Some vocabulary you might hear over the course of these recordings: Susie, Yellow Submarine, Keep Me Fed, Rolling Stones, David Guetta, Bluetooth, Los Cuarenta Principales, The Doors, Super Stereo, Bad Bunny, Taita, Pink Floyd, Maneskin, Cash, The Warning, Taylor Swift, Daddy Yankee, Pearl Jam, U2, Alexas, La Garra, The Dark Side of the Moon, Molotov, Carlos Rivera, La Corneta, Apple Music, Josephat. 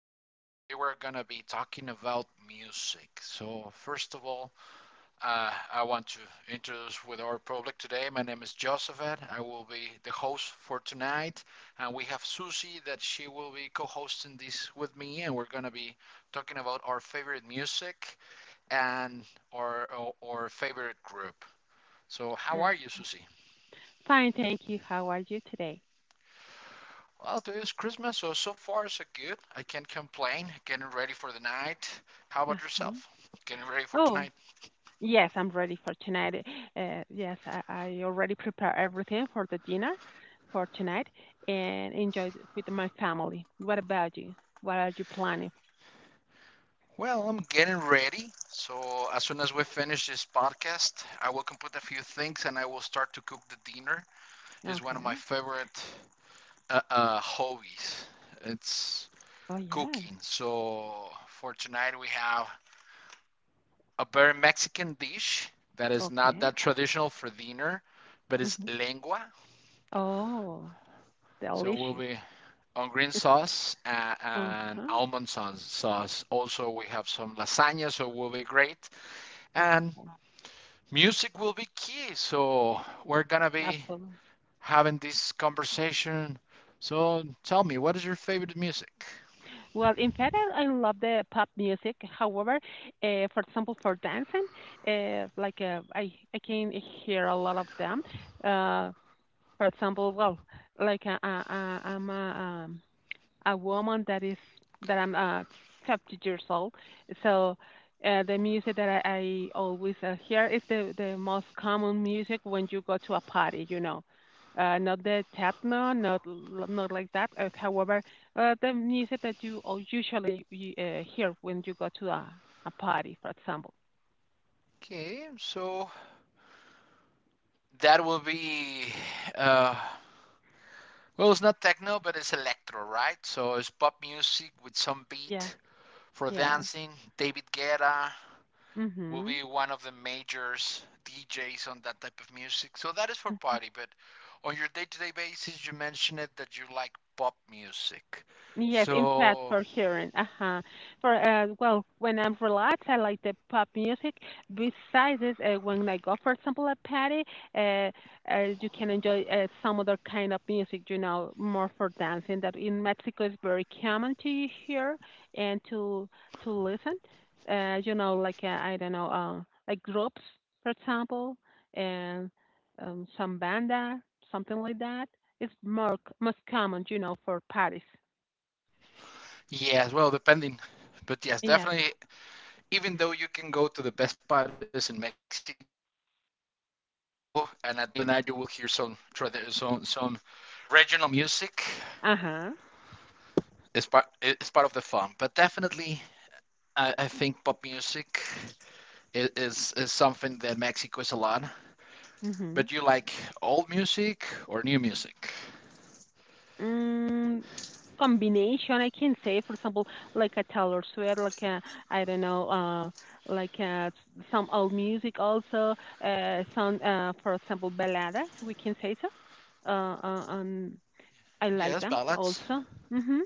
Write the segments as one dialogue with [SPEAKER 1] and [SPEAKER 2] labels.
[SPEAKER 1] podcast where today we're going to be talking about music. So, first of all, I want to introduce with our public today. My name is Josephat. I will be the host for tonight, and we have Susie that she will be co-hosting this with me, and we're going to be talking about our favorite music and our favorite group. So, how
[SPEAKER 2] Uh,
[SPEAKER 1] are you, Susie?
[SPEAKER 2] Fine, thank you. How are you today?
[SPEAKER 1] Well, this Christmas, so far so good. I can't complain. Getting ready for the night. How about
[SPEAKER 2] Uh-huh.
[SPEAKER 1] yourself? Getting ready for
[SPEAKER 2] Oh,
[SPEAKER 1] tonight?
[SPEAKER 2] yes, I'm ready for tonight. Yes, I already prepare everything for the dinner for tonight and enjoy it with my family. What about you? What are you planning?
[SPEAKER 1] Well, I'm getting ready. So as soon as we finish this podcast, I will complete a few things and I will start to cook the dinner. It's one of my
[SPEAKER 2] Okay.
[SPEAKER 1] favorite hobbies. It's
[SPEAKER 2] Oh, yeah.
[SPEAKER 1] cooking. So for tonight, we have a very Mexican dish that is not
[SPEAKER 2] Okay.
[SPEAKER 1] that traditional for dinner, but it's
[SPEAKER 2] Hmm.
[SPEAKER 1] lengua.
[SPEAKER 2] Oh,
[SPEAKER 1] So we'll
[SPEAKER 2] delicious.
[SPEAKER 1] be on green sauce and
[SPEAKER 2] Uh-huh.
[SPEAKER 1] almond sauce. Also, we have some lasagna, so will be great. And
[SPEAKER 2] Absolutely.
[SPEAKER 1] music will be key, so we're gonna be
[SPEAKER 2] Absolutely.
[SPEAKER 1] having this conversation. So tell me, what is your favorite music?
[SPEAKER 2] Well, in fact, I love the pop music. However, for example, for dancing, like I can hear a lot of them. Uh, for example, well, like I'm um, a woman that is that I'm 50 years old. So, the music that I always hear is the most common music when you go to a party. You know, not the techno, not like that. However, the music that you all usually you, hear when you go to a party, for example.
[SPEAKER 1] Okay, so that will be uh, well, it's not techno, but it's electro, right? So it's pop music with some
[SPEAKER 2] Yeah,
[SPEAKER 1] beat for
[SPEAKER 2] yeah.
[SPEAKER 1] dancing. David Guetta will
[SPEAKER 2] Mhm.
[SPEAKER 1] be one of the majors DJs on that type of music. So that is for party, but on your day-to-day basis, you mentioned it that you like pop music.
[SPEAKER 2] Yes, in fact,
[SPEAKER 1] So
[SPEAKER 2] for sure. Uh-huh. For well, when I'm relaxed, I like the pop music. Besides this, when I go, for example, a party, uh, you can enjoy some other kind of music, you know, more for dancing. That in Mexico is very common to hear and to listen. You know, like I don't know, like groups, for example, and some banda, something like that. It's most common, you know, for parties.
[SPEAKER 1] yes, well, depending. But yes,
[SPEAKER 2] Yeah.
[SPEAKER 1] definitely, even though you can go to the best parties in Mexico, and at the end of the night you will hear some regional music.
[SPEAKER 2] Uh-huh.
[SPEAKER 1] It's part of the fun. But definitely, I think pop music is something that Mexico is a lot. But you
[SPEAKER 2] Mhm.
[SPEAKER 1] like old music or new music?
[SPEAKER 2] Mm, Combination I can say, for example, like a Taylor Swift, like a I don't know, like some old music also, some for example, baladas. We can say so. Uh, uh, um, I
[SPEAKER 1] Yes,
[SPEAKER 2] like them
[SPEAKER 1] ballads.
[SPEAKER 2] also. Hmm.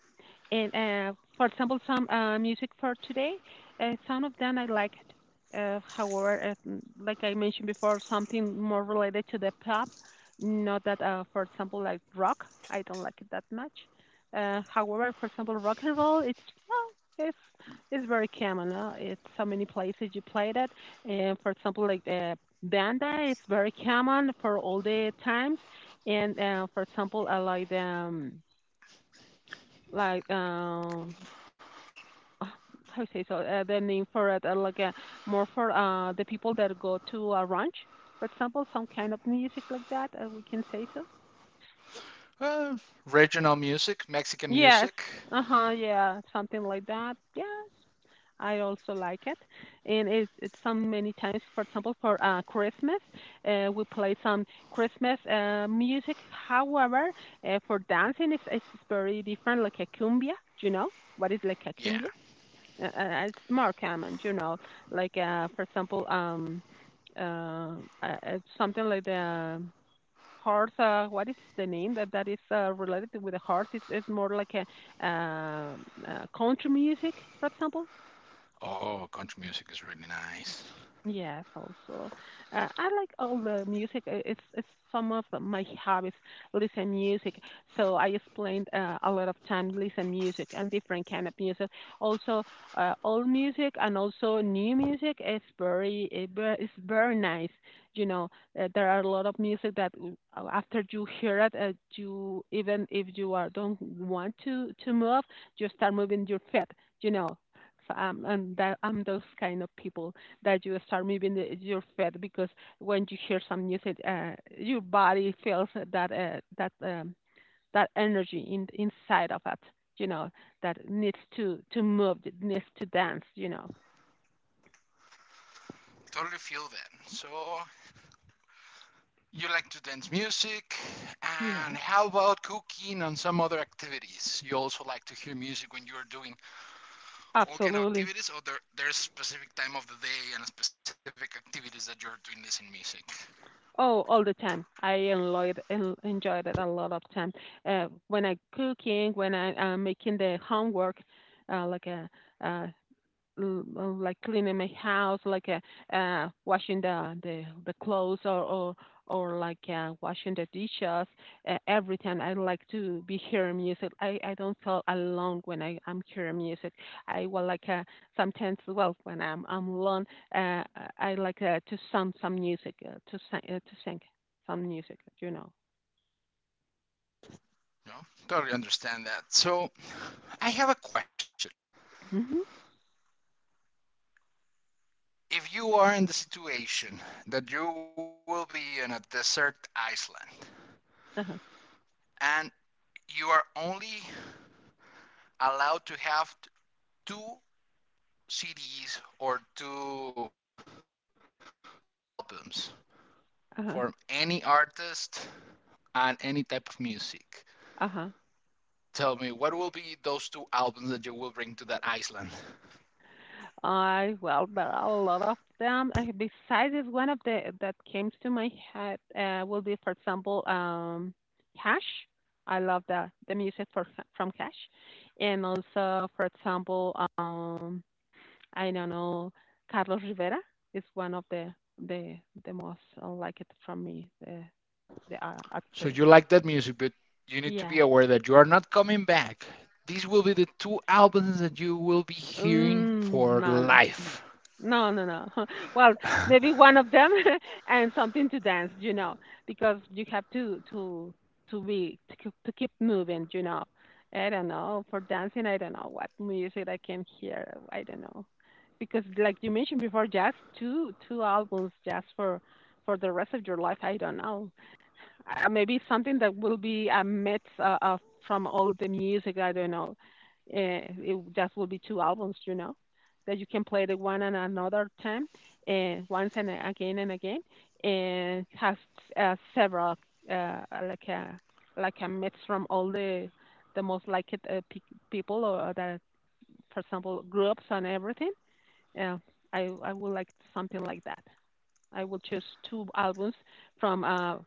[SPEAKER 2] And, for example, some music for today, some of them I like it. However, like I mentioned before, something more related to the pop, not that, for example, like rock, I don't like it that much. However, for example, rock and roll, it's well, it's it's very common. It's so many places you play that. And for example, like banda, it's very common for all the times and for example, I like the like uh, how you say so the name for it I like more for the people that go to a ranch, for example, some kind of music like that, we can say so.
[SPEAKER 1] Well, regional music, Mexican
[SPEAKER 2] Yes.
[SPEAKER 1] music.
[SPEAKER 2] Uh-huh, yeah, something like that. Yes. I also like it. And it's some many times, for example, for Christmas, we play some Christmas music. However, for dancing it's very different like a cumbia, you know? What is like a
[SPEAKER 1] Yeah.
[SPEAKER 2] cumbia? It's more common, you know, like for example, uh, something like the horse. What is the name that is related with the horse? It's more like a country music, for example.
[SPEAKER 1] Oh, country music is really nice.
[SPEAKER 2] Yes, also. I like all the music. It's some of my hobbies, listen music. So I explained a lot of time listen music and different kind of music. Also, old music and also new music is is very nice. You know, there are a lot of music that after you hear it, you even if you are don't want to move, you start moving your feet. You know, so, and that I'm those kind of people that you start moving your feet because when you hear some music, your body feels that that energy inside of it. You know that needs to move, that needs to dance. You know.
[SPEAKER 1] Totally feel that. So, you like to dance music,
[SPEAKER 2] Yeah.
[SPEAKER 1] and how about cooking and some other activities? You also like to hear music when you're doing all kind of
[SPEAKER 2] Absolutely.
[SPEAKER 1] activities, or there's specific time of the day and specific activities that you're doing listening music?
[SPEAKER 2] Oh, all the time. I enjoyed it a lot of time. When I cooking, when I am making the homework, uh, like a, uh, like cleaning my house, like washing the clothes or like washing the dishes. Every time I like to be hearing music. I don't feel alone when I am hearing music. I will like sometimes well when I'm alone. Uh, I like to sing some music, to sing, some music. You know.
[SPEAKER 1] No, totally understand that. So, I have a question.
[SPEAKER 2] Mhm.
[SPEAKER 1] If you are in the situation that you will be in a desert island
[SPEAKER 2] Uh huh.
[SPEAKER 1] and you are only allowed to have two CDs or two albums
[SPEAKER 2] Uh huh.
[SPEAKER 1] from any artist and any type of music,
[SPEAKER 2] Uh huh.
[SPEAKER 1] tell me what will be those two albums that you will bring to that island.
[SPEAKER 2] I Well, there are a lot of them. Besides, is one of the that came to my head, will be, for example, Cash. I love the music for from Cash, and also, for example, I don't know, Carlos Rivera is one of the the most like it from me. The
[SPEAKER 1] So
[SPEAKER 2] actor.
[SPEAKER 1] you
[SPEAKER 2] The,
[SPEAKER 1] like that music, but you need to be
[SPEAKER 2] yes.
[SPEAKER 1] aware that you are not coming back. These will be the two albums that you will be hearing
[SPEAKER 2] Mm,
[SPEAKER 1] for
[SPEAKER 2] no, no.
[SPEAKER 1] life.
[SPEAKER 2] No, no, no. Well, maybe one of them and something to dance, you know, because you have to be, to keep moving, you know. I don't know for dancing. I don't know what music I can hear. I don't know because, like you mentioned before, just two albums just for the rest of your life. I don't know. Maybe something that will be a mix, of from all the music. I don't know. It just will be two albums, you know, that you can play the one and another time, once and again and again, and has several uh, like a like a mix from all the most liked, people or the, for example, groups and everything. Yeah, I would like something like that. I will choose two albums from,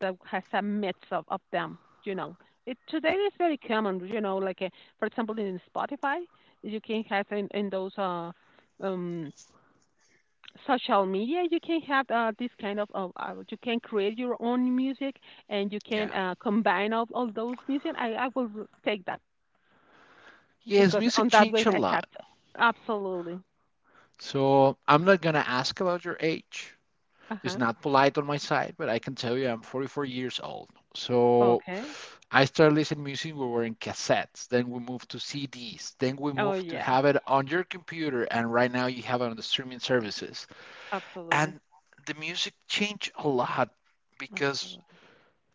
[SPEAKER 2] that has a mix of them. You know, it today is very common. You know, like for example, in Spotify, you can have in those um, social media, you can have this kind of you can create your own music and you can
[SPEAKER 1] Yeah.
[SPEAKER 2] combine all those music. I will take that
[SPEAKER 1] Yes,
[SPEAKER 2] because
[SPEAKER 1] music
[SPEAKER 2] on that
[SPEAKER 1] changed
[SPEAKER 2] way
[SPEAKER 1] a
[SPEAKER 2] I have
[SPEAKER 1] lot.
[SPEAKER 2] absolutely.
[SPEAKER 1] So I'm not gonna ask about your age.
[SPEAKER 2] Uh
[SPEAKER 1] It's
[SPEAKER 2] huh.
[SPEAKER 1] not polite on my side, but I can tell you I'm 44 years old. So
[SPEAKER 2] Okay.
[SPEAKER 1] I started listening music. We were in cassettes. Then we moved to CDs. Then we
[SPEAKER 2] Oh
[SPEAKER 1] moved to
[SPEAKER 2] yes,
[SPEAKER 1] have it on your computer, and right now you have it on the streaming services.
[SPEAKER 2] absolutely,
[SPEAKER 1] And the music changed a lot because
[SPEAKER 2] absolutely.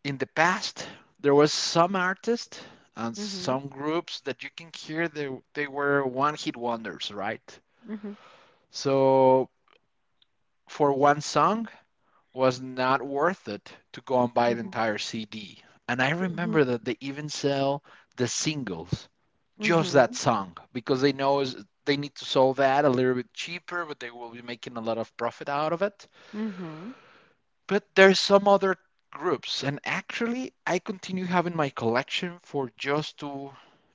[SPEAKER 1] in the past there was some artists and
[SPEAKER 2] Mhm.
[SPEAKER 1] some groups that you can hear they were one hit wonders, right?
[SPEAKER 2] Mhm.
[SPEAKER 1] So for one song was not worth it to go and buy the
[SPEAKER 2] Mhm,
[SPEAKER 1] entire CD. And I
[SPEAKER 2] mhm,
[SPEAKER 1] remember that they even sell the singles, just
[SPEAKER 2] mhm,
[SPEAKER 1] that song, because they know they need to sell that a little bit cheaper, but they will be making a lot of profit out of it.
[SPEAKER 2] mhm,
[SPEAKER 1] But there's some other groups, and actually, I continue having my collection for just two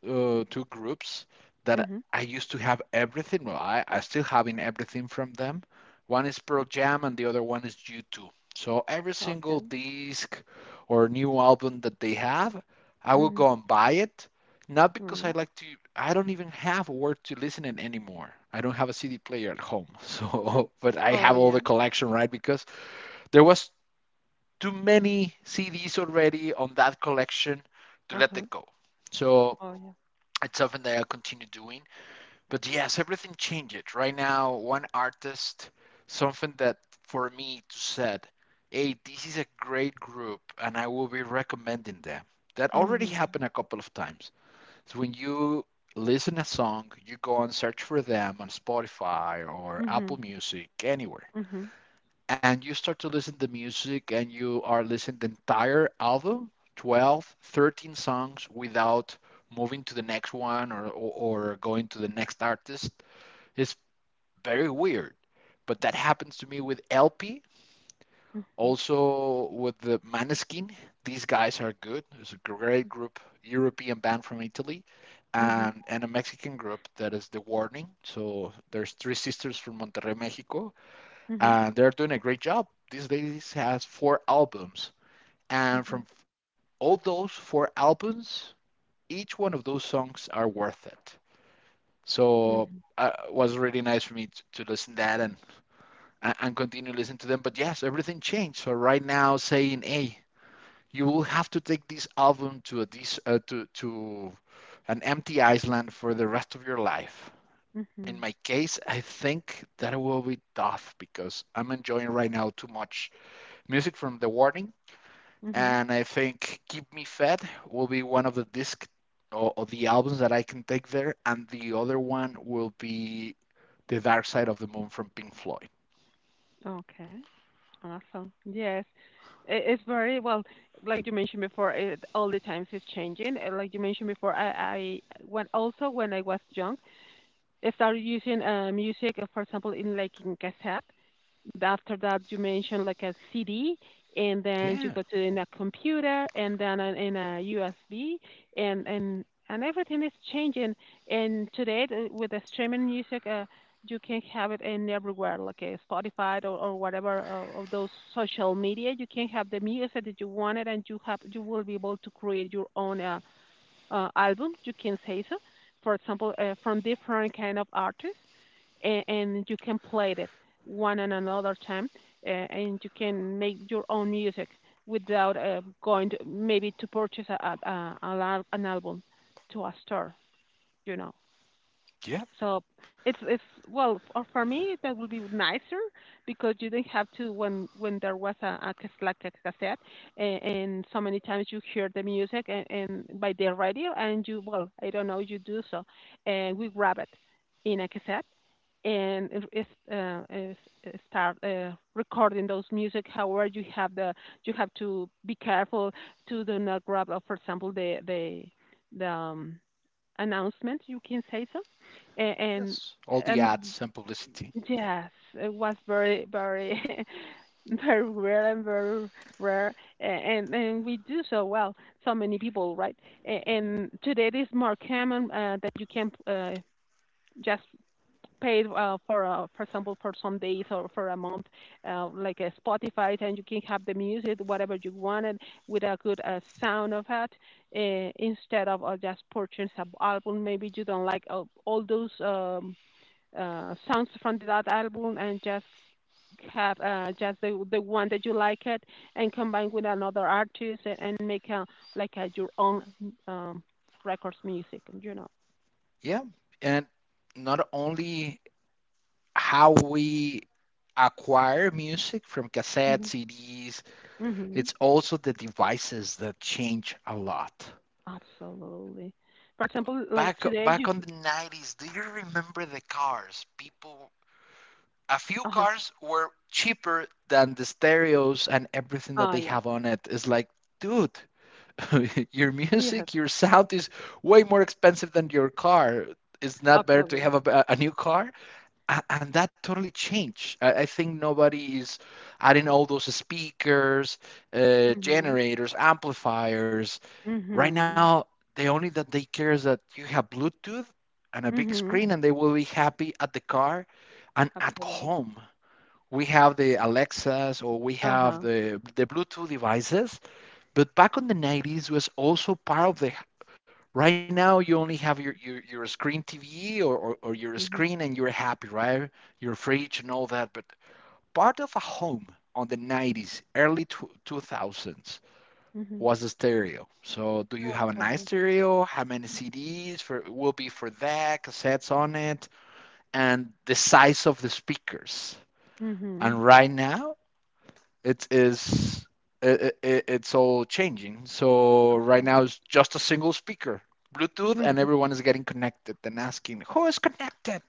[SPEAKER 1] two groups that
[SPEAKER 2] mhm.
[SPEAKER 1] I used to have everything. Well, I still having everything from them. One is Pearl Jam, and the other one is U2. So every
[SPEAKER 2] Okay.
[SPEAKER 1] single disc or new album that they have, I will
[SPEAKER 2] Mhm,
[SPEAKER 1] go and buy it. Not because I
[SPEAKER 2] mhm.
[SPEAKER 1] like to, I don't even have where to listen it anymore. I don't have a CD player at home, so but I
[SPEAKER 2] Oh,
[SPEAKER 1] have all the
[SPEAKER 2] yeah.
[SPEAKER 1] collection, right? Because there was too many CDs already on that collection to let
[SPEAKER 2] Uh-huh.
[SPEAKER 1] it go. So
[SPEAKER 2] Oh, yeah.
[SPEAKER 1] it's something that I'll continue doing. But yes, everything changes. Right now, one artist, something that for me to said, hey, this is a great group and I will be recommending them. That already
[SPEAKER 2] Mhm,
[SPEAKER 1] happened a couple of times. So when you listen a song, you go and search for them on Spotify or Apple
[SPEAKER 2] mhm,
[SPEAKER 1] Music, anywhere,
[SPEAKER 2] mhm,
[SPEAKER 1] and you start to listen to music and you are listening the entire album 12 13 songs without moving to the next one or going to the next artist is very weird, but that happens to me with lp,
[SPEAKER 2] mhm,
[SPEAKER 1] also with the maneskin. These guys are good. It's a great group, european band from italy,
[SPEAKER 2] mhm,
[SPEAKER 1] and a mexican group that is the warning. So there's 3 sisters from monterrey, mexico,
[SPEAKER 2] mhm,
[SPEAKER 1] and they're doing a great job. This ladies has 4 albums, and
[SPEAKER 2] mhm,
[SPEAKER 1] from all those 4 albums, each one of those songs are worth it. So
[SPEAKER 2] mhm,
[SPEAKER 1] it was really nice for me to listen to that and continue listening to them. But yes, everything changed. So right now, saying, hey, you will have to take this album to a this to an empty island for the rest of your life. In
[SPEAKER 2] mhm,
[SPEAKER 1] my case, I think that will be tough because I'm enjoying right now too much music from The Warning,
[SPEAKER 2] mhm.
[SPEAKER 1] and I think Keep Me Fed will be one of the disc or the albums that I can take there, and the other one will be The Dark Side of the Moon from Pink Floyd.
[SPEAKER 2] Okay. Awesome. Yes. It's very well, like you mentioned before, all the times is changing. And like you mentioned before, I when also when I was young, start using music, for example, in like in cassette. After that, you mentioned like a CD, and then
[SPEAKER 1] Yeah.
[SPEAKER 2] you go to in a computer, and then in a USB, and and and everything is changing. And today, with the streaming music, you can have it in everywhere, like Spotify or whatever of those social media. You can have the music that you wanted, and you will be able to create your own. Album, you can say so. For example, from different kind of artists, and you can play it one and another time, and you can make your own music without going to, maybe to purchase an album to a store, you know.
[SPEAKER 1] Yeah.
[SPEAKER 2] So it's well for me that would be nicer because you didn't have to, when there was like a cassette, and so many times you hear the music, and by the radio and you well I don't know you do so and we grab it in a cassette and it is start recording those music. However, you have to be careful to do not grab, for example, the announcement, you can say so. A- And
[SPEAKER 1] Yes, all the
[SPEAKER 2] and
[SPEAKER 1] ads and publicity.
[SPEAKER 2] yes, it was very very very rare and very rare, and we do so well. So many people, right? And today it is more common that you can just paid for example for some days or for a month, like a Spotify, and you can have the music whatever you wanted with a good sound of it, instead of just purchasing an album maybe you don't like all those songs from that album and just have just the one that you like it and combine with another artist, and make a like a, your own um, records music, you know.
[SPEAKER 1] Yeah, and not only how we acquire music from cassettes,
[SPEAKER 2] Mhm.
[SPEAKER 1] CDs,
[SPEAKER 2] Hmm.
[SPEAKER 1] it's also the devices that change a lot.
[SPEAKER 2] Absolutely. For example, like
[SPEAKER 1] Back
[SPEAKER 2] today
[SPEAKER 1] back
[SPEAKER 2] you,
[SPEAKER 1] on the 90s, do you remember the cars? People, a few
[SPEAKER 2] uh-huh.
[SPEAKER 1] cars were cheaper than the stereos and everything that
[SPEAKER 2] Ah,
[SPEAKER 1] they
[SPEAKER 2] yeah.
[SPEAKER 1] have on it. It's like, dude, your
[SPEAKER 2] Yes,
[SPEAKER 1] music, your sound is way more expensive than your car. It's not better to
[SPEAKER 2] absolutely.
[SPEAKER 1] have a new car. And that totally changed. I think nobody is adding all those speakers,
[SPEAKER 2] Mhm.
[SPEAKER 1] generators, amplifiers. Right now,
[SPEAKER 2] Mhm.
[SPEAKER 1] the only that they care is that you have Bluetooth and a big
[SPEAKER 2] Mhm.
[SPEAKER 1] screen, and they will be happy at the car and at
[SPEAKER 2] Absolutely.
[SPEAKER 1] home. We have the Alexas or we have
[SPEAKER 2] Uh-huh.
[SPEAKER 1] the Bluetooth devices, but back in the 90s was also part of the. Right now, you only have your screen TV or your screen,
[SPEAKER 2] Mhm.
[SPEAKER 1] and you're happy, right? Your fridge and all that. But part of a home on the 90s, early 2000s
[SPEAKER 2] Mhm.
[SPEAKER 1] was the stereo? So do you have a nice
[SPEAKER 2] Absolutely.
[SPEAKER 1] stereo? How many CDs for will be for that, cassettes on it, and the size of the speakers.
[SPEAKER 2] Mhm.
[SPEAKER 1] And right now it is it, it, it's all changing. So right now it's just a single speaker, Bluetooth, and
[SPEAKER 2] Mhm.
[SPEAKER 1] everyone is getting connected and asking, "Who is connected?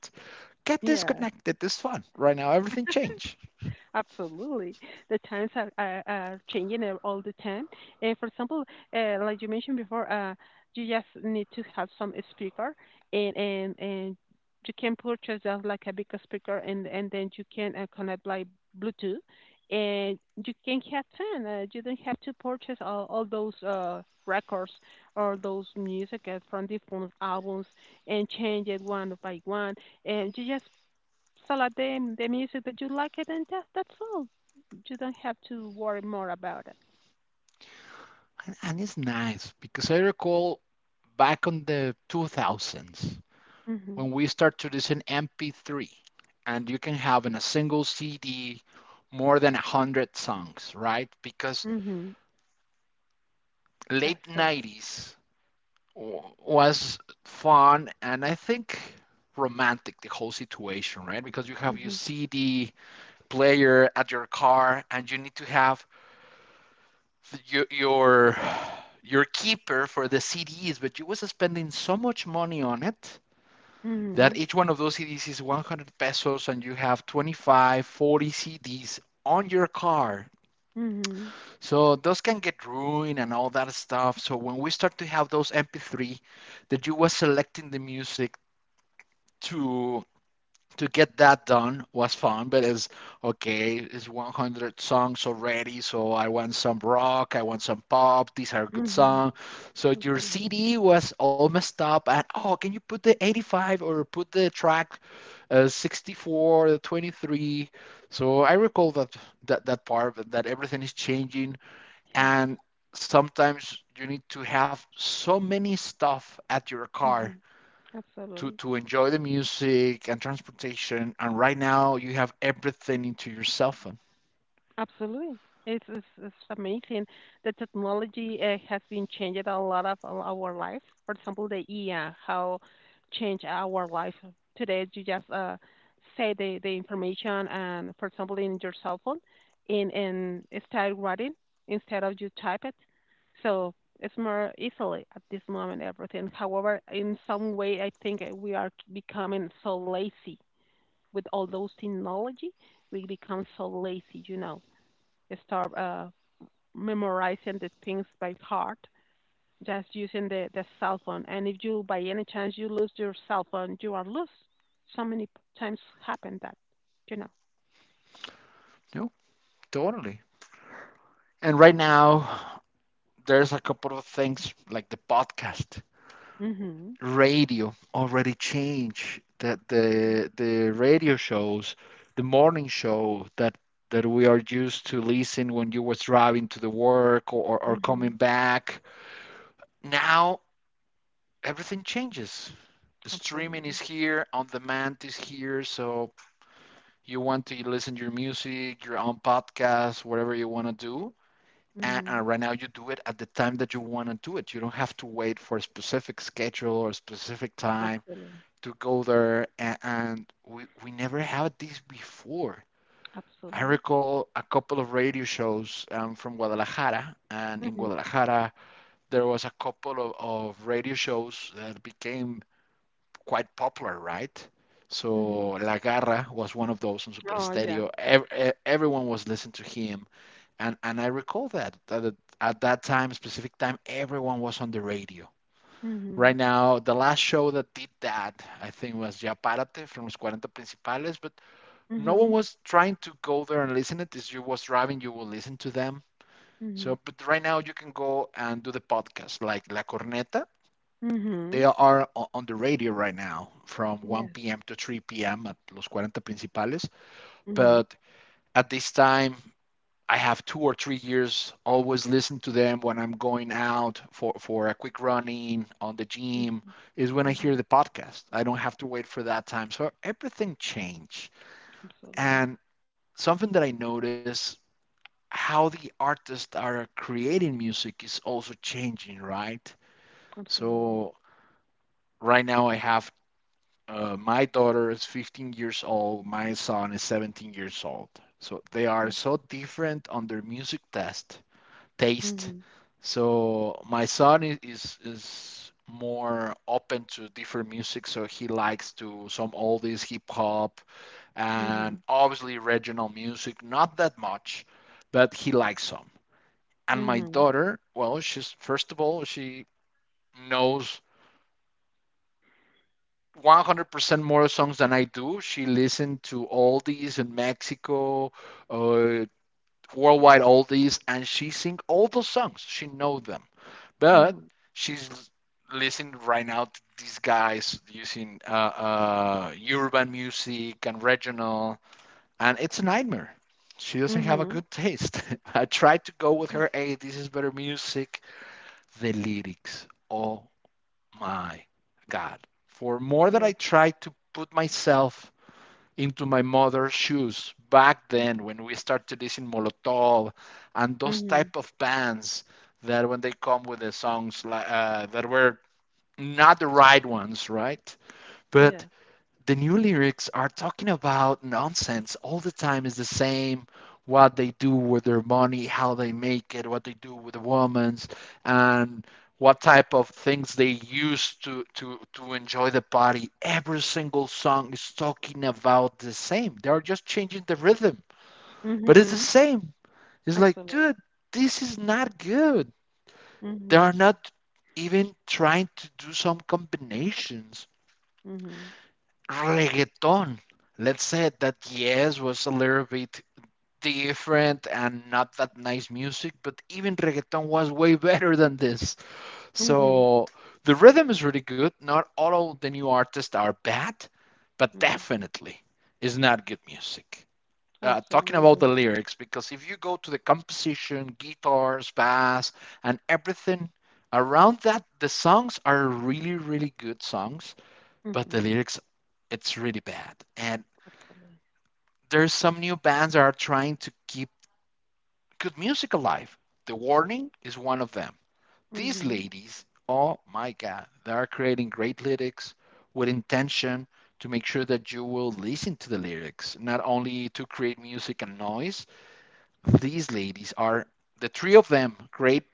[SPEAKER 1] Get this
[SPEAKER 2] Yes.
[SPEAKER 1] connected. This fun." Right now everything changed,
[SPEAKER 2] Absolutely. The times are, changing all the time. And for example, like you mentioned before, you just need to have some speaker and you can purchase just like a big speaker, and then you can connect by Bluetooth and you can have fun. You don't have to purchase all those records or those music from different albums and change it one by one. And you just select the music that you like it, and that's all. You don't have to worry more about it.
[SPEAKER 1] and it's nice because I recall back on the 2000s
[SPEAKER 2] Mhm.
[SPEAKER 1] when we start to listen MP3, and you can have in a single CD more than 100 songs, right? Because
[SPEAKER 2] Mhm. That's
[SPEAKER 1] late
[SPEAKER 2] correct.
[SPEAKER 1] 90s was fun and I think romantic, the whole situation, right? Because you have your
[SPEAKER 2] Mhm.
[SPEAKER 1] CD player at your car and you need to have your, your your keeper for the CDs, but you was spending so much money on it that
[SPEAKER 2] Mhm.
[SPEAKER 1] each one of those CDs is 100 pesos and you have 25, 40 CDs on your car.
[SPEAKER 2] Mhm.
[SPEAKER 1] So those can get ruined and all that stuff. So when we start to have those MP3 that you were selecting the music to to get that done was fun, but it's okay, it's 100 songs already, so I want some rock, I want some pop, these are good
[SPEAKER 2] Mhm.
[SPEAKER 1] songs. So your
[SPEAKER 2] Absolutely.
[SPEAKER 1] CD was all messed up, and oh, can you put the 85 or put the track 64, the 23? So I recall that part, that everything is changing,
[SPEAKER 2] Yes.
[SPEAKER 1] and sometimes you need to have so many stuff at your car
[SPEAKER 2] Mhm. Absolutely.
[SPEAKER 1] to enjoy the music and transportation. And right now, you have everything into your cell phone.
[SPEAKER 2] Absolutely. It's amazing. The technology has been changing a lot of our lives. For example, the IA, how change our life. Today, you just say the information, and for example, in your cell phone, in start writing instead of you type it. So it's more easily at this moment, everything. However, in some way, I think we are becoming so lazy with all those technology. We become so lazy, stop memorizing the things by heart, just using the cell phone. And if you, by any chance, you lose your cell phone, you are lost. So many times happen that, you know.
[SPEAKER 1] No, totally. And right now, there's a couple of things like the podcast,
[SPEAKER 2] Mm-hmm.
[SPEAKER 1] radio already changed the radio shows, the morning show that we are used to listen when you was driving to the work or
[SPEAKER 2] Mm-hmm. Hmm.
[SPEAKER 1] coming back. Now everything changes. Streaming is
[SPEAKER 2] Absolutely.
[SPEAKER 1] here, on demand is here, so you want to listen to your music, your own podcast, whatever you want to do.
[SPEAKER 2] Mm-hmm.
[SPEAKER 1] And right now you do it at the time that you want to do it. You don't have to wait for a specific schedule or a specific time
[SPEAKER 2] Absolutely.
[SPEAKER 1] to go there. And we never had this before. I
[SPEAKER 2] Absolutely.
[SPEAKER 1] recall a couple of radio shows from Guadalajara, and in
[SPEAKER 2] Mm-hmm.
[SPEAKER 1] Guadalajara there was a couple of radio shows that became quite popular, right? So
[SPEAKER 2] Mm-hmm.
[SPEAKER 1] La Garra was one of those on Super
[SPEAKER 2] Oh, yeah.
[SPEAKER 1] Stereo. Everyone was listening to him, and I recall that that time, specific time, everyone was on the radio.
[SPEAKER 2] Mm-hmm.
[SPEAKER 1] Right now, the last show that did that, I think, was Ya Párate from Los 40 Principales, but no
[SPEAKER 2] Mm-hmm.
[SPEAKER 1] one was trying to go there and listen it. As you was driving, you will listen to them.
[SPEAKER 2] Mm-hmm.
[SPEAKER 1] So, but right now you can go and do the podcast, like La Corneta they
[SPEAKER 2] Mm-hmm.
[SPEAKER 1] are on the radio right now from
[SPEAKER 2] Yes.
[SPEAKER 1] 1 p.m. to 3 p.m. at Los Cuarenta Principales.
[SPEAKER 2] Mm-hmm.
[SPEAKER 1] But at this time, I have 2 or 3 years always listen to them when I'm going out for, a quick running on the gym is when I hear
[SPEAKER 2] Mm-hmm.
[SPEAKER 1] the podcast. I don't have to wait for that time. So everything changed.
[SPEAKER 2] Absolutely.
[SPEAKER 1] And something that I notice how the artists are creating music is also changing, right?
[SPEAKER 2] Absolutely.
[SPEAKER 1] So right now I have my daughter is 15 years old. My son is 17 years old. So they are so different on their music test taste.
[SPEAKER 2] Mm-hmm.
[SPEAKER 1] So my son is more open to different music. So he likes to some oldies, hip hop, and
[SPEAKER 2] Mm-hmm.
[SPEAKER 1] obviously regional music. Not that much, but he likes some. And my
[SPEAKER 2] Mm-hmm.
[SPEAKER 1] daughter, well, she's first of all she knows 100% more songs than I do. She listened to oldies in Mexico, uh, worldwide oldies, and she sing all those songs. She know them, but
[SPEAKER 2] Mm-hmm.
[SPEAKER 1] she's listening right now to these guys using urban music and regional, and it's a nightmare. She doesn't have a
[SPEAKER 2] Mhm.
[SPEAKER 1] good taste. I tried to go with
[SPEAKER 2] Yeah.
[SPEAKER 1] her. Hey, this is better music. The lyrics. Oh my God, for more than I
[SPEAKER 2] Yeah.
[SPEAKER 1] tried to put myself into my mother's shoes back then when we started listening Molotov and those
[SPEAKER 2] Mhm.
[SPEAKER 1] type of bands that when they come with the songs like, that were not the right ones, right? But
[SPEAKER 2] Yeah.
[SPEAKER 1] the new lyrics are talking about nonsense all the time is the same what they do with their money, how they make it, what they do with the women's, and what type of things they use to enjoy the party. Every single song is talking about the same. They are just changing the rhythm, but it's the
[SPEAKER 2] Mhm.
[SPEAKER 1] same. It's like,
[SPEAKER 2] Absolutely.
[SPEAKER 1] dude, this is not good. They
[SPEAKER 2] Mhm.
[SPEAKER 1] are not even trying to do some combinations.
[SPEAKER 2] Mhm.
[SPEAKER 1] Reggaeton. Let's say that yes was a little bit different and not that nice music, but even reggaeton was way better than this.
[SPEAKER 2] Mhm.
[SPEAKER 1] So the rhythm is really good. Not all of the new artists are bad, but
[SPEAKER 2] Mhm.
[SPEAKER 1] definitely is not good music. Talking about the
[SPEAKER 2] Absolutely.
[SPEAKER 1] lyrics, because if you go to the composition, guitars, bass, and everything around that, the songs are really, really good songs, but the
[SPEAKER 2] Mhm.
[SPEAKER 1] lyrics, it's really bad. And
[SPEAKER 2] Absolutely.
[SPEAKER 1] there's some new bands that are trying to keep good music alive. The Warning is one of them. These
[SPEAKER 2] Mhm.
[SPEAKER 1] ladies, oh my God, they are creating great lyrics with intention to make sure that you will listen to the lyrics, not only to create music and noise. These ladies are the three of them great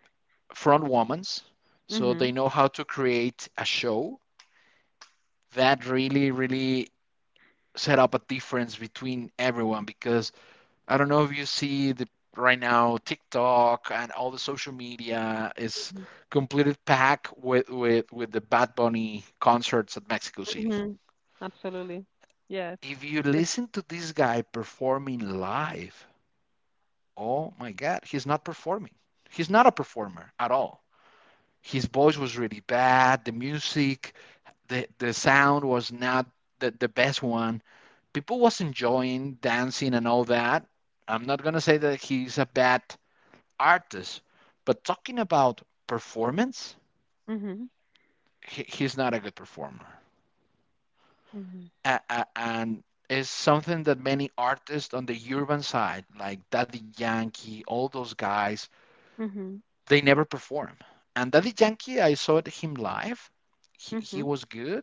[SPEAKER 1] front women, so they
[SPEAKER 2] Mhm.
[SPEAKER 1] know how to create a show that really, really set up a difference between everyone because I don't know if you see the right now TikTok and all the social media is completely packed with the Bad Bunny concerts at Mexico City.
[SPEAKER 2] Mhm. Absolutely. Yes.
[SPEAKER 1] If you
[SPEAKER 2] It's
[SPEAKER 1] listen to this guy performing live, oh my God, he's not performing. He's not a performer at all. His voice was really bad. The music, the sound was not the best one. People was enjoying dancing and all that. I'm not gonna say that he's a bad artist, but talking about performance,
[SPEAKER 2] mhm.
[SPEAKER 1] he's not a good performer.
[SPEAKER 2] Mhm.
[SPEAKER 1] And it's something that many artists on the urban side, like Daddy Yankee, all those guys,
[SPEAKER 2] Mhm.
[SPEAKER 1] they never perform. And Daddy Yankee, I saw him live. He
[SPEAKER 2] Mhm.
[SPEAKER 1] was good,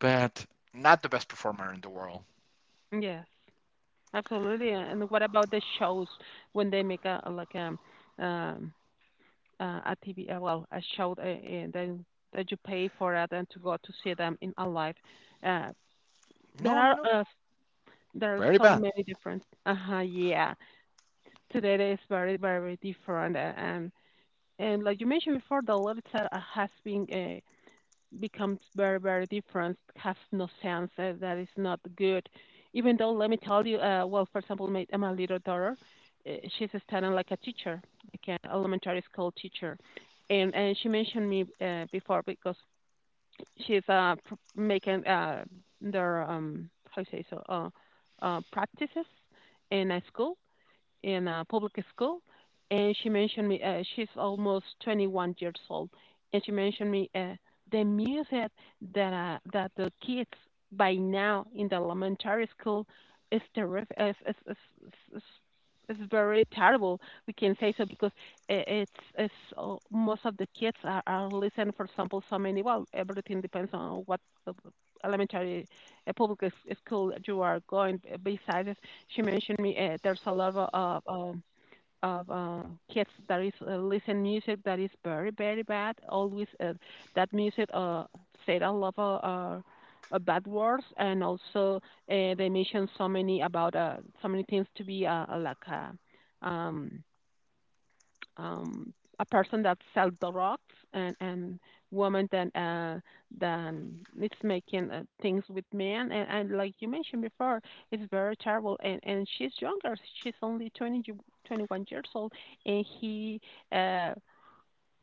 [SPEAKER 1] but not the best performer in the world.
[SPEAKER 2] Yes. Absolutely. And what about the shows when they make like um a TV well a show that you pay for it and to go to see them in a live? Uh, There
[SPEAKER 1] No, no,
[SPEAKER 2] are
[SPEAKER 1] no.
[SPEAKER 2] uh, there are
[SPEAKER 1] Very
[SPEAKER 2] so
[SPEAKER 1] bad.
[SPEAKER 2] many different. Uh-huh, yeah. Today it is very very different and like you mentioned before, the lyrics are, has been becomes very very different. Has no sense. That is not good. Even though let me tell you, well, for example, my little daughter, uh, she's standing like a teacher, like an elementary school teacher, and she mentioned me before because she's making their how you say so practices in a school in a public school, and she mentioned me. She's almost 21 years old, and she mentioned me the music that that the kids by now in the elementary school is terrific. Is very terrible. We can say so because it's it's most of the kids are listening. For example, so many. Well, everything depends on what uh, elementary public school you are going. Besides, she mentioned me there's a lot of kids that is listen music that is very very bad. Always that music said a lot of bad words and also they mentioned so many about so many things to be like um, a person that sells drugs and woman that than it's making things with men and like you mentioned before it's very terrible and she's younger she's only 21 years old and uh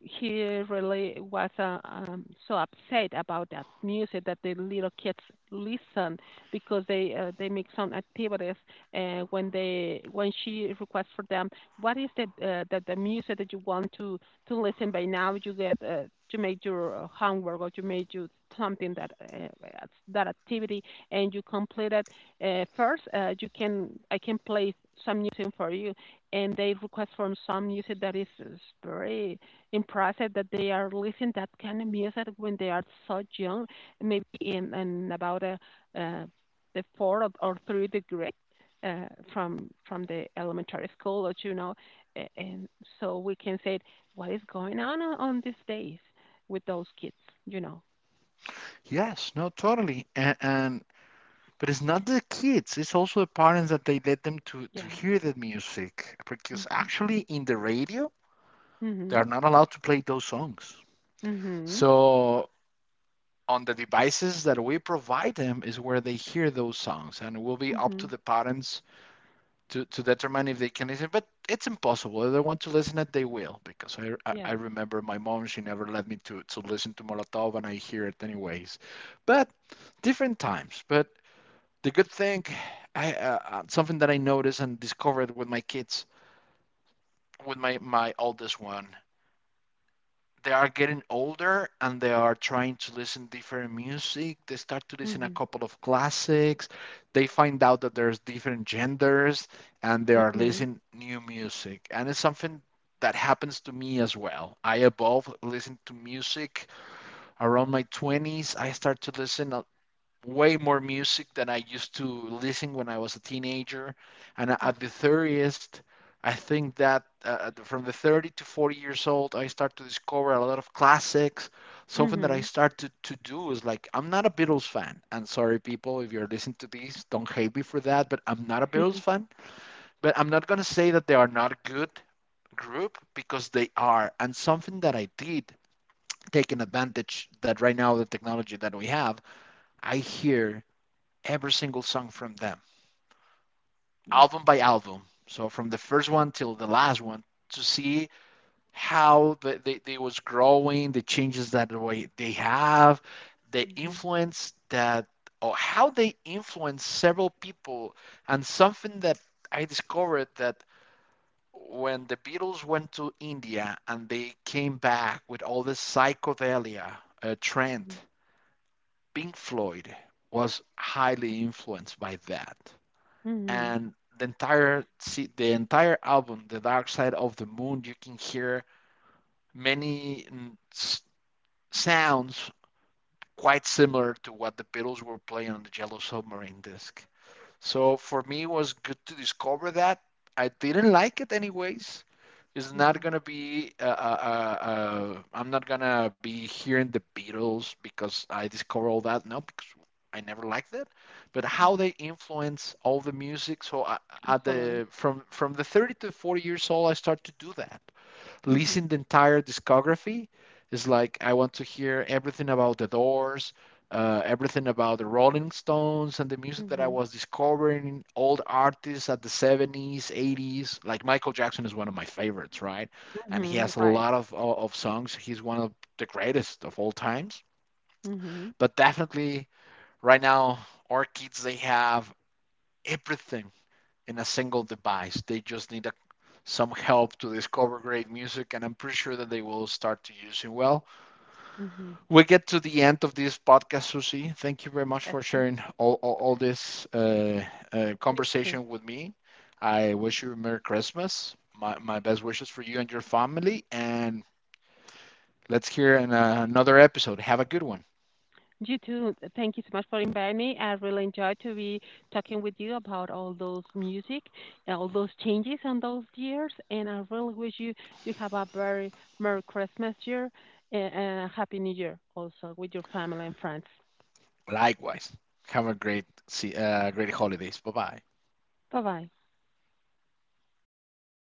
[SPEAKER 2] he really was so upset about that music that the little kids listen because they make some activities when they when she requests for them what is the the music that you want to listen by now you get to make your homework or to make you something that that activity and you complete it, first you can I can play some music for you and they request from some music that is very impressive that they are listening that kind of music when they are so young, maybe in about uh, the four or three degree uh, from the elementary school, or you know, and so we can say what is going on on these days with those kids, you know.
[SPEAKER 1] Yes, no, totally. And But it's not the kids, it's also the parents that they let them to
[SPEAKER 2] Yes.
[SPEAKER 1] hear that music. Because
[SPEAKER 2] Mhm.
[SPEAKER 1] actually in the radio, they
[SPEAKER 2] Mhm.
[SPEAKER 1] are not allowed to play those songs.
[SPEAKER 2] Mhm.
[SPEAKER 1] So on the devices that we provide them is where they hear those songs. And it will be up to
[SPEAKER 2] Mhm.
[SPEAKER 1] the parents to determine if they can listen. But it's impossible. If they want to listen it, they will. Because I
[SPEAKER 2] Yes.
[SPEAKER 1] remember my mom, she never let me to listen to Molotov and I hear it anyways. But different times. But the good thing, I something that I noticed and discovered with my kids, with my my oldest one, they are getting older and they are trying to listen different music. They start to listen a
[SPEAKER 2] Mhm.
[SPEAKER 1] couple of classics. They find out that there's different genders and they are
[SPEAKER 2] Mhm.
[SPEAKER 1] listening new music. And it's something that happens to me as well. I evolve, listen to music around my 20s. I start to listen way more music than I used to listen when I was a teenager. And
[SPEAKER 2] Mhm.
[SPEAKER 1] at the 30th, I think that from the 30 to 40 years old, I start to discover a lot of classics. Something that I
[SPEAKER 2] Mhm.
[SPEAKER 1] started to do is like, I'm not a Beatles fan. And sorry, people, if you're listening to this, don't hate me for that, but I'm not a Beatles fan. But I'm not going to say that they are not a good group because they are. And something that I did taking advantage that right now the technology that we have, I hear every single song from them,
[SPEAKER 2] Yes.
[SPEAKER 1] album by album. So from the first one till the last one to see how they was growing, the changes that way they have, the
[SPEAKER 2] Mhm.
[SPEAKER 1] influence that or how they influence several people, and something that I discovered that when the Beatles went to India and they came back with all this psychedelia trend, Pink Floyd was highly influenced by that.
[SPEAKER 2] Mhm.
[SPEAKER 1] And the entire album, The Dark Side of the Moon, you can hear many sounds quite similar to what the Beatles were playing on the Yellow Submarine disc. So for me, it was good to discover that. I didn't like it anyways. It's not
[SPEAKER 2] Mhm.
[SPEAKER 1] gonna be. I'm not gonna be hearing the Beatles because I discover all that. No, because I never liked it. But how
[SPEAKER 2] Mhm.
[SPEAKER 1] they influence all the music. So at
[SPEAKER 2] Absolutely.
[SPEAKER 1] the from the 30 to 40 years old, I start to do that. Listen
[SPEAKER 2] Mhm.
[SPEAKER 1] the entire discography is like I want to hear everything about the Doors, everything about the Rolling Stones and the music that I
[SPEAKER 2] Mhm,
[SPEAKER 1] was discovering, old artists at the 70s, 80s. Like Michael Jackson is one of my favorites, right? And he
[SPEAKER 2] mhm,
[SPEAKER 1] has a
[SPEAKER 2] right.
[SPEAKER 1] lot of songs. He's one of the greatest of all times.
[SPEAKER 2] Mhm,
[SPEAKER 1] But definitely right now, our kids, they have everything in a single device. They just need a, some help to discover great music, and I'm pretty sure that they will start to use it well.
[SPEAKER 2] mhm.
[SPEAKER 1] We get to the end of this podcast, Susi. Thank you very much
[SPEAKER 2] Yes,
[SPEAKER 1] for sharing all this
[SPEAKER 2] me too.
[SPEAKER 1] conversation with me. I wish you a Merry Christmas. My best wishes for you and your family. And let's hear in, another episode. Have a good one.
[SPEAKER 2] You too. Thank you so much for inviting me. I really enjoyed to be talking with you about all those music and all those changes on those years. And I really wish you have a very Merry Christmas year and a Happy New Year also with your family and friends.
[SPEAKER 1] Likewise. Have a great, great holidays. Bye bye.
[SPEAKER 2] Bye bye.